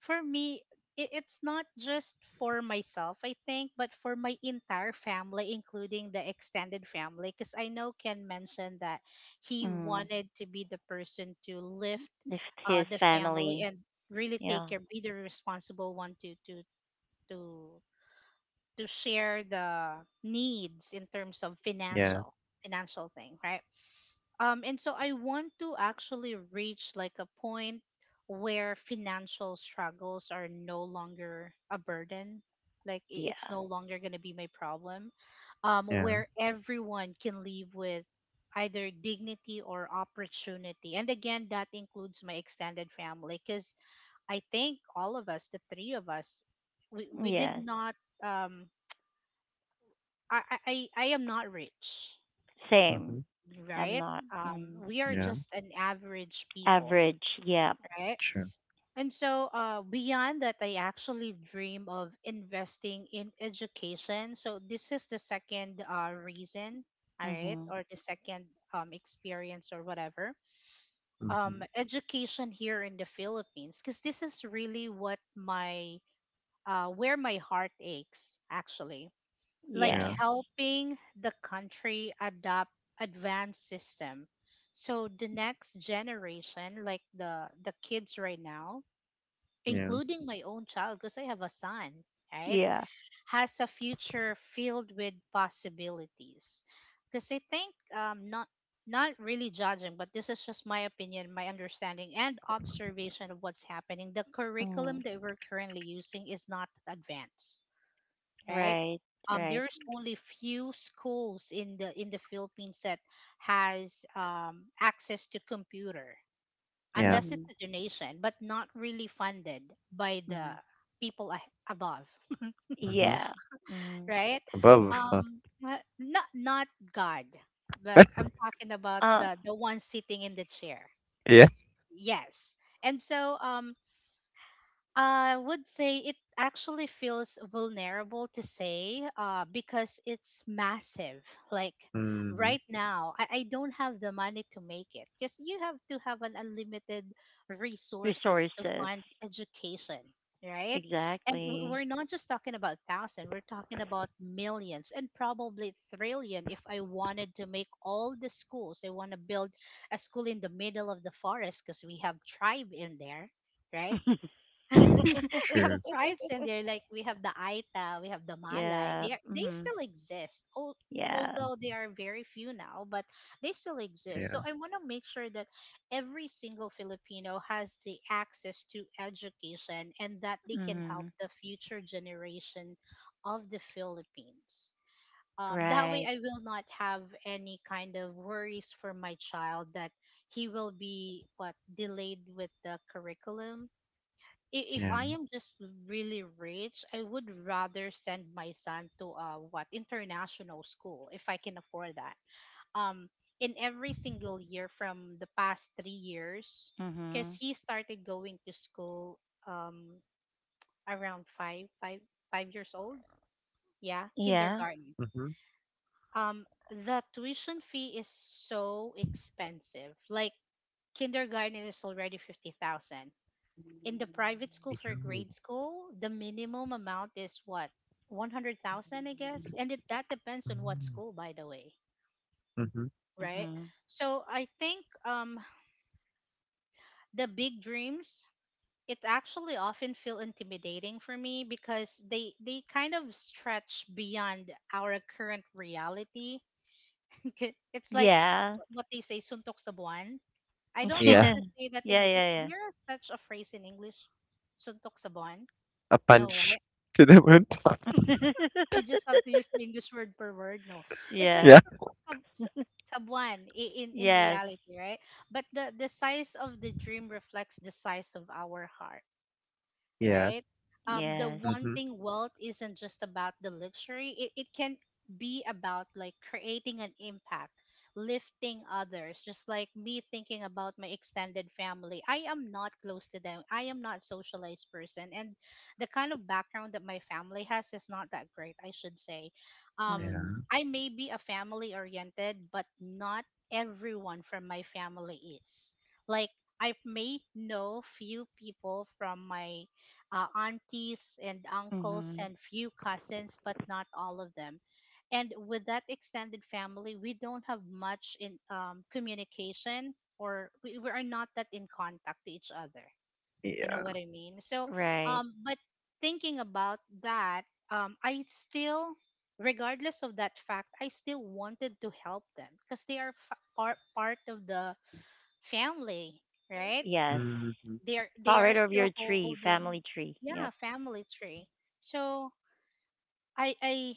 for me, it's not just for myself, I think, but for my entire family, including the extended family, because I know Ken mentioned that he Mm. wanted to be the person to lift If his the family family. and really take Yeah. care, be the responsible one to to share the needs in terms of Yeah. Financial thing, right? Um, and so I want to actually reach like a point where financial struggles are no longer a burden. Like it's Yeah. no longer going to be my problem. Yeah. Where everyone can live with either dignity or opportunity. And again, that includes my extended family, because I think all of us, the three of us, we did Yes. not um I am not rich, Mhm. Same. I'm right? not. Mm. We are Yeah. just an average people, Average. Yeah. right? True. And so, beyond that, I actually dream of investing in education. So this is the second reason, all right, Mm-hmm. or the second experience or whatever. Mhm. Education here in the Philippines, because this is really what my where my heart aches actually, like Yeah. Yes. helping the country adopt advanced system so the next generation, like the kids right now, Yeah. including my own child because I have a son, right, Yeah. has a future filled with possibilities. Because I think, um, not not really judging, but this is just my opinion, my understanding and observation of what's happening. The curriculum Mm. that we're currently using is not advanced, right? Right. Right. There's only few schools in the Philippines that has access to computer, Yeah. unless Mm-hmm. it's a donation, but not really funded by the Mm-hmm. people above, Mhm. Yeah. Mm. right? Above, Mm-hmm. huh? Um, not not God, but I'm talking about Uh, the one sitting in the chair. Yeah. Yes, and so I would say it actually feels vulnerable to say, because it's massive. Like Mhm. right now, I don't have the money to make it, because you have to have an unlimited resources to resources. fund education, right? And Exactly. we're not just talking about thousand, we're talking about millions and probably trillion. If I wanted to make all the schools, I want to build a school in the middle of the forest, because we have tribe in there, right? We have True. tribes in there, like we have the Aita, we have the Malay. Yeah. They are, they Mm-hmm. still exist, Yeah. although they Mhm. are very few now, but they still exist. Yeah. So I want to make sure that every single Filipino has the access to education, and that they can help Mm-hmm. the future generation of the Philippines. That way, Right. I will not have any kind of worries for my child that he will be what delayed with the curriculum. If I Yeah. am just really rich, I would rather send my son to what international school if I can afford that. Um, in every single year from the past 3 years, because Mm-hmm. he started going to school um, around five years old, yeah, Yeah. kindergarten. Mhm. The tuition fee is so expensive. Like kindergarten is already 50,000. In the private school Yo. for grade school, the minimum amount is what? 100,000, I guess. And it that depends on what Mm. school, by the way, Mhm. right? Hmm. So I think the big dreams, it actually often feel intimidating for me because they kind of stretch beyond our current reality. It's like Yeah. What they say, suntok sa buwan. I don't know how Yeah. to Yeah. say that in is Yeah. there such a phrase in English? Suntok sa buwan? A No, punch right? to the wound. Yeah. You just have to use the English word per word. No, it's like a Yeah. Yeah. sub, sub, sub sub one in Yes. reality, right? But the size of the dream reflects the size of our heart, Yeah. right? The Yes. Mhm. wanting wealth isn't just about the luxury. It can be about like creating an impact, lifting others. Just like me thinking about my extended family, I am not close to them. I am not socialized person, and the kind of background that my family has is not that great. I should say, um, Mhm. Yeah. I may be a family oriented, but not everyone from my family is. Like I may know few people from my aunties and uncles Mhm. and few cousins, but not all of them. And with that extended family, we don't have much in communication, or we are not that in contact to each other. You know what Yeah. I mean? So, Right. but thinking about that, I still, regardless of that fact, I still wanted to help them because they are part of the family, right? Yes. Mhm. they're they Part are of your still tree, holding, family tree. yeah, Yep. family tree. So i i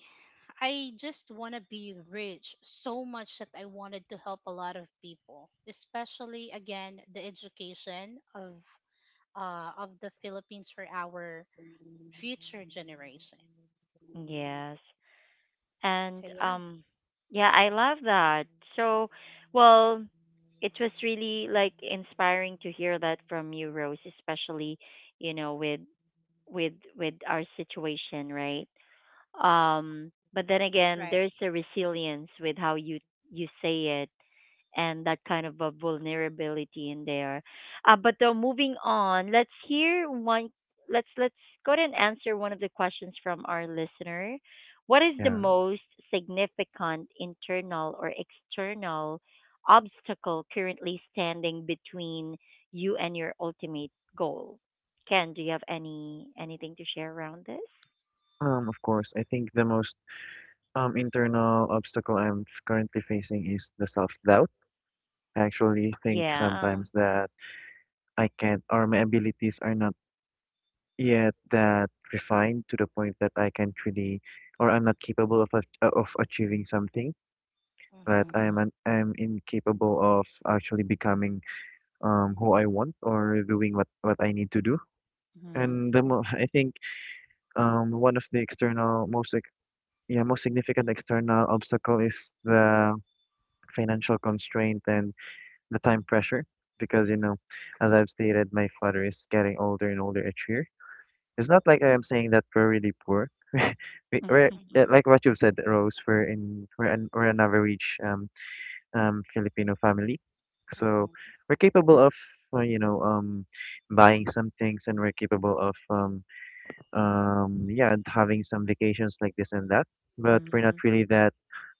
I just want to be rich so much that I wanted to help a lot of people, especially again the education of the Philippines for our future generation. Yes. And So yeah, yeah, I love that. So, well, it was really like inspiring to hear that from you, Rose, especially, you know, with our situation, right? But then again, right. there's a resilience with how you say it, and that kind of a vulnerability in there. But though moving on, let's hear one. Let's go ahead and answer one of the questions from our listener. What is the Yeah. most significant internal or external obstacle currently standing between you and your ultimate goal? Ken, do you have anything to share around this? Of course, I think the most internal obstacle I'm currently facing is the self-doubt. I actually think Yeah. sometimes that I can't, or my abilities are not yet that refined to the point that I can truly, or I'm not capable of of achieving something. That Mm-hmm. Mhm. I'm incapable of actually becoming who I want, or doing what I need to do. Mhm. And the mo Mm-hmm. I think one of the external most like yeah most significant external obstacle is the financial constraint and the time pressure, because, as I've stated, my father is getting older and older each year. It's not like I am saying that we're really poor. We're yeah, Mm-hmm. Mhm. like what you've said, Rose. We're an average Filipino family, so Mm-hmm. we're capable of, uh, you know um buying some things, and we're capable of, yeah, and having some vacations like this and that. But we're not Mhm. really that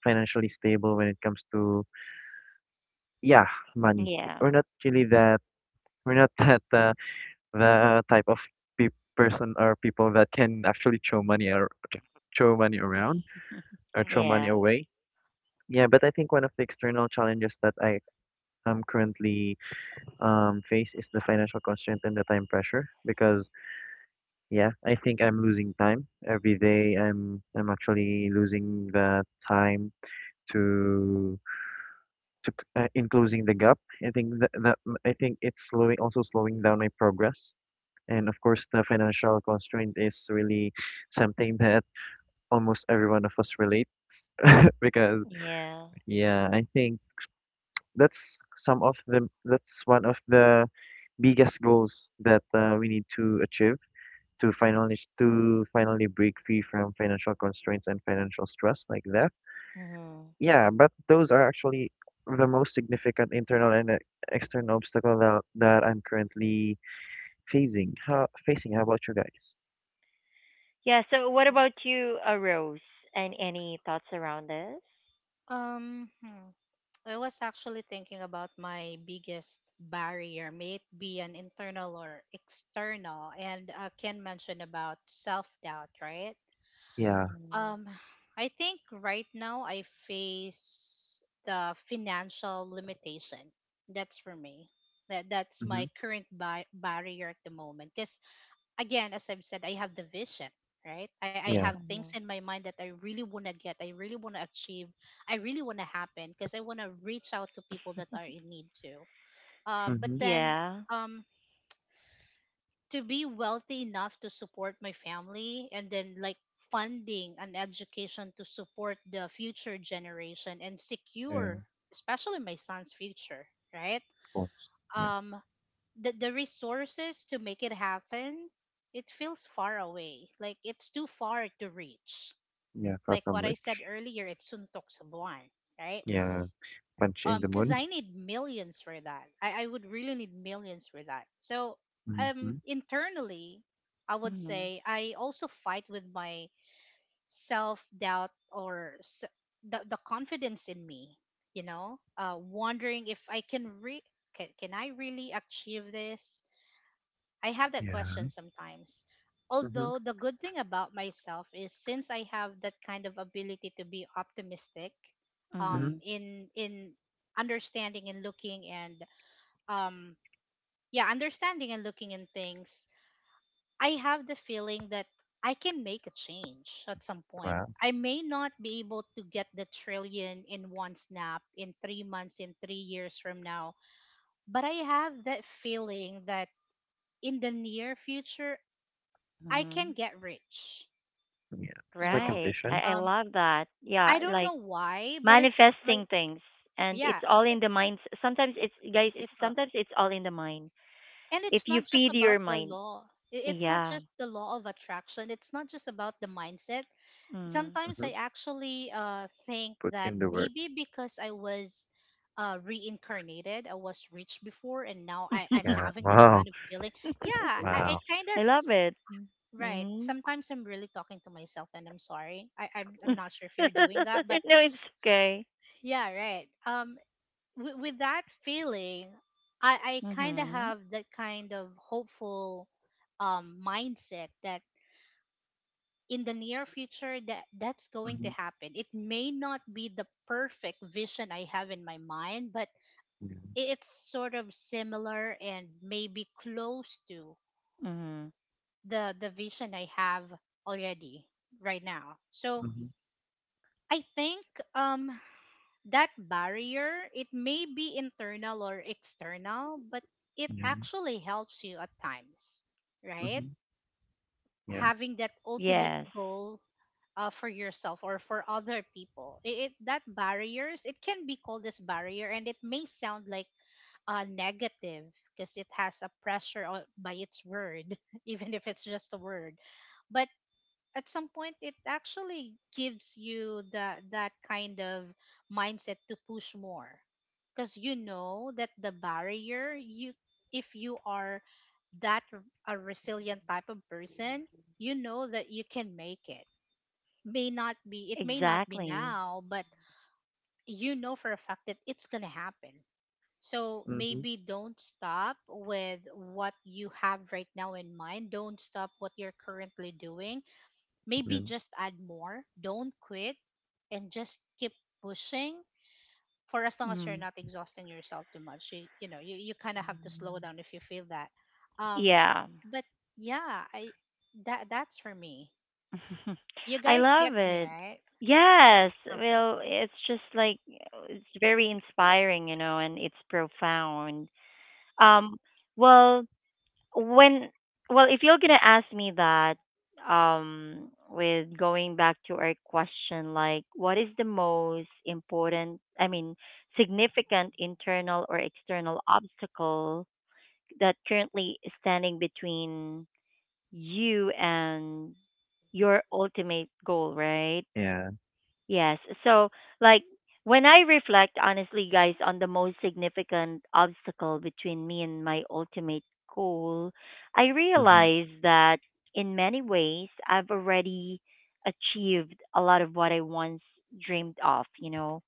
financially stable when it comes to, yeah, money. Yeah. We're not really that, we're not that the type of pe- person or people that can actually throw money, or throw money around, or throw Mm-hmm. money Yeah. away. Yeah, but I think one of the external challenges that I am currently, face, is the financial constraint and the time pressure. Because, yeah, I think I'm losing time every day. I'm actually losing the time to in closing the gap. I think that, that m- I think it's slowing, also slowing down my progress. And of course, the financial constraint is really something that almost every one of us relates Because, Yeah. yeah, I think that's one of the biggest goals that, we need to achieve, to finally, break free from financial constraints and financial stress like that. Mhm. Yeah, but those are actually the most significant internal and external obstacle that I'm currently facing. How about you guys? Yeah. So, what yeah about you, Rose? And any thoughts around this? um hmm. I was actually thinking about my biggest barrier, may it be an internal or external, and Ken mentioned about self doubt, right? Yeah. Mhm. Um, I think right now I face the financial limitation. That's for me. That's Mm-hmm. my current barrier at the moment. Because again, as I've said, I have the vision, right? I Yeah. have things Mhm. in my mind that I really want to get, I really want to achieve, I really want to happen because I want to reach out to people that are in need too. Uh, but Mm-hmm. then Yeah. um, to be wealthy enough to support my family and then like funding an education to support the future generation and Yeah. Of secure, especially my son's future, right? course. Yeah. Um, the resources to make it happen, it feels far away, like it's too far to reach, Yeah. Far like from what I said rich. earlier, it's suntok sa buwan, right? Yeah. Punch in the Because moon. I need millions for that. I would really need millions for that. So Mm-hmm. Internally, I would Mhm. say I also fight with my self-doubt or the confidence in me, you know, wondering if I can re can I really achieve this. I have that Yeah. question sometimes. Mm-hmm. Although the good thing about myself is since I have that kind of ability to be optimistic, Mm-hmm. um, Mhm. in in understanding and looking and um, yeah, understanding and looking in things, I have the feeling that I can make a change at some point. Wow. I may not be able to get the trillion in one snap, in 3 months, in 3 years from now, but I have that feeling that in the near future, I can Mhm. get rich, Yeah. you It's like a know. Right. I vision. I Um, love that. Yeah. I don't Like, know why, but it's like, manifesting things, and yeah, it's all in the mind. Sometimes it's guys. It's it's a, sometimes it's all in the mind. and If it's you not just feed about your the mind. law. I- It's not Yeah. just the law of attraction. It's not just about the mindset. Mm. Sometimes Mm-hmm. I actually think Put that in the work. maybe because I was reincarnated, I was rich before, and now I'm Yeah. having this Wow. kind of feeling. Yeah, I Wow. kind of. I love it. Right. Mhm. Sometimes I'm really talking to myself and I'm sorry. I, I'm, No, I'm not sure if you're doing that, but it's okay. yeah, right. With that feeling, I kind of Mhm. have that kind of hopeful mindset that in the near future that's going Mm-hmm. to happen. It may not be the perfect vision I have in my mind, but it's sort of similar and maybe close to Mhm. the vision I have already right now. So Mhm. I think um that barrier, it may be internal or external, but it Yeah. actually helps you at times, right? Mhm. Yeah. Having that ultimate Yes. goal for yourself or for other people. It that barriers, it can be called as barrier and it may sound like negative because it has a pressure on, by its word, even if it's just a word. But at some point it actually gives you that kind of mindset to push more, because you know that the barrier, you if you are that a resilient type of person, you know that you can make it. May not be, it may not be Exactly. now, but you know for a fact that it's gonna happen. So Mhm. maybe don't stop with what you have right now in mind, don't stop what you're currently doing. Maybe Mhm. just add more, don't quit, and just keep pushing for as long as you're Mhm. not exhausting yourself too much. You know, you kind of have to slow down if you feel that. Um, Yeah. but yeah, I that's for me. You I guys love get me, it. right? Yes. Okay. Well, it's just like it's very inspiring, you know, and it's profound. Um well, when, well, if you're gonna ask me that, with going back to our question, like, what is the most important, I mean, significant internal or external obstacle that currently is standing between you and your ultimate goal, right? Yeah. Yes. So, like, when I reflect honestly, guys, on the most significant obstacle between me and my ultimate goal, I Mhm. realize that, in many ways, I've already achieved a lot of what I once dreamed of, you know.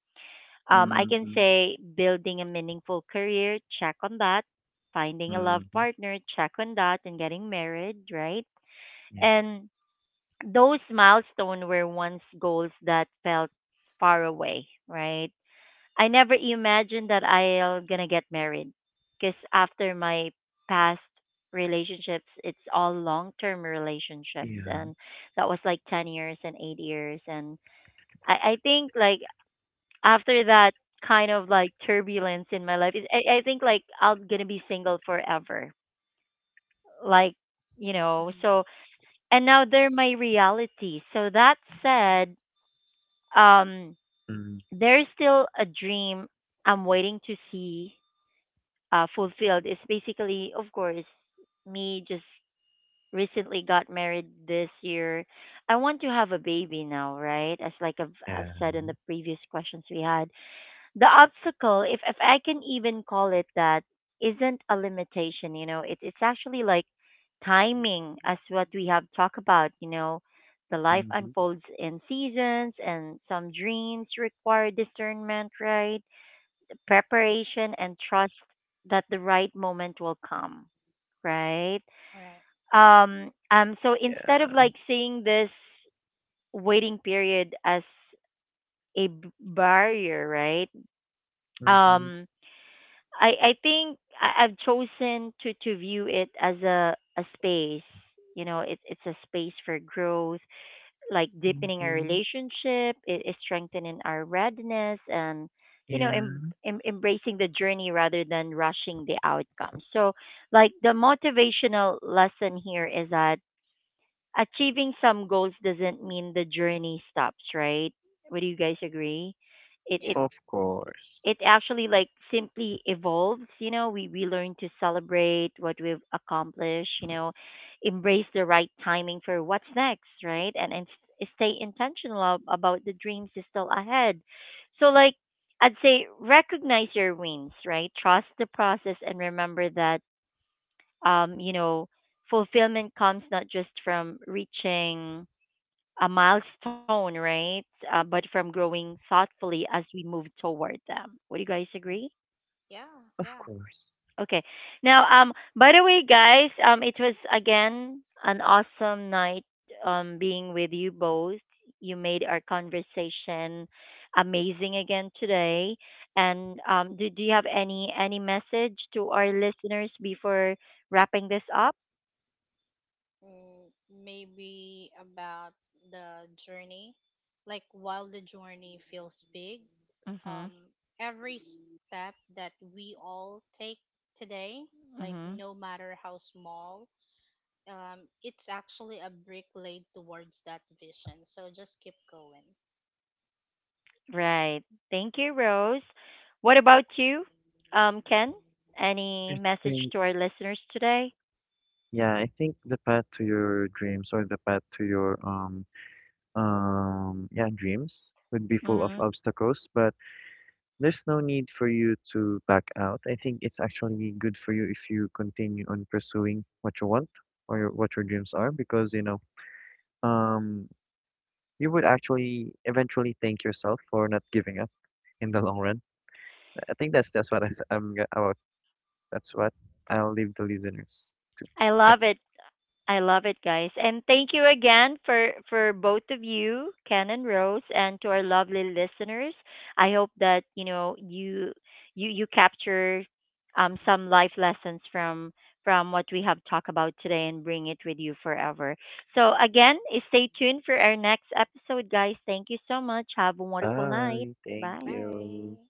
I can Mhm. say, building a meaningful career, check on that. Finding a love Mhm. partner, check on that. And getting married, right? Yeah. And those milestones were once goals that felt far away, right? I never imagined that I'll gonna get married, because after my past relationships, it's all long-term relationships, Yeah. and that was like 10 years and 8 years, and I think, like, after that kind of like turbulence in my life, I think like I'm gonna be single forever, like, you know. So, Mm-hmm. and now they're my reality. So that said, um, Mm. there is still a dream I'm waiting to see fulfilled. It's basically, of course, me just recently got married this year. I want to have a baby now, right? As like I've, Yeah. I've said in the previous questions we had. The obstacle, if I can even call it that, isn't a limitation, you know. It's actually, like, timing, as what we have talked about, you know. The life Mhm. unfolds in seasons, and some dreams require discernment, right? Preparation and trust that the right moment will come, right? All right. So instead of Yeah. like seeing this waiting period as a barrier, right? Mhm. Um I think I've chosen to view it as a space. You know, it's a space for growth, like deepening our Mhm. relationship, it is strengthening our readiness, and, you know, Yeah. Embracing the journey rather than rushing the outcome. So, like, the motivational lesson here is that achieving some goals doesn't mean the journey stops, right? Would you guys agree? It Yeah. it Of course. it actually, like, simply evolves. You know, we learn to celebrate what we've accomplished, you know, embrace the right timing for what's next, right? And stay intentional about the dreams is still ahead. So, like, I'd say, recognize your wins, right? Trust the process and remember that, you know, fulfillment comes not just from reaching a milestone, right? But from growing thoughtfully as we move toward them. Would you guys agree? Yeah. Of Yeah. course. Okay. Now, by the way, guys, it was again an awesome night, being with you both. You made our conversation amazing again today. And do you have any message to our listeners before wrapping this up? Mm, maybe about the journey. Like while the journey feels big, um, Mhm. every step that we all take today, like Mhm. no matter how small, it's actually a brick laid towards that vision. So just keep going. Right. Thank you, Rose. What Right? about you, Ken? I Any message think to our listeners today? yeah, I think the path to your dreams or the path to your yeah, dreams would be full of Mhm. obstacles, but there's no need for you to back out. I think it's actually good for you if you continue on pursuing what you want, what your dreams are, because, um, you would actually eventually thank yourself for not giving up in the long run. I think that's what I am about. That's what I'll leave the listeners to. I Yeah. love it. I love it, guys. And thank you again for both of you, Ken and Rose, and to our lovely listeners. I hope that, you know, you capture some life lessons from what we have talked about today and bring it with you forever. So again, stay tuned for our next episode, guys. Thank you so much. Have a wonderful Bye. night. Thank Bye. you. Bye.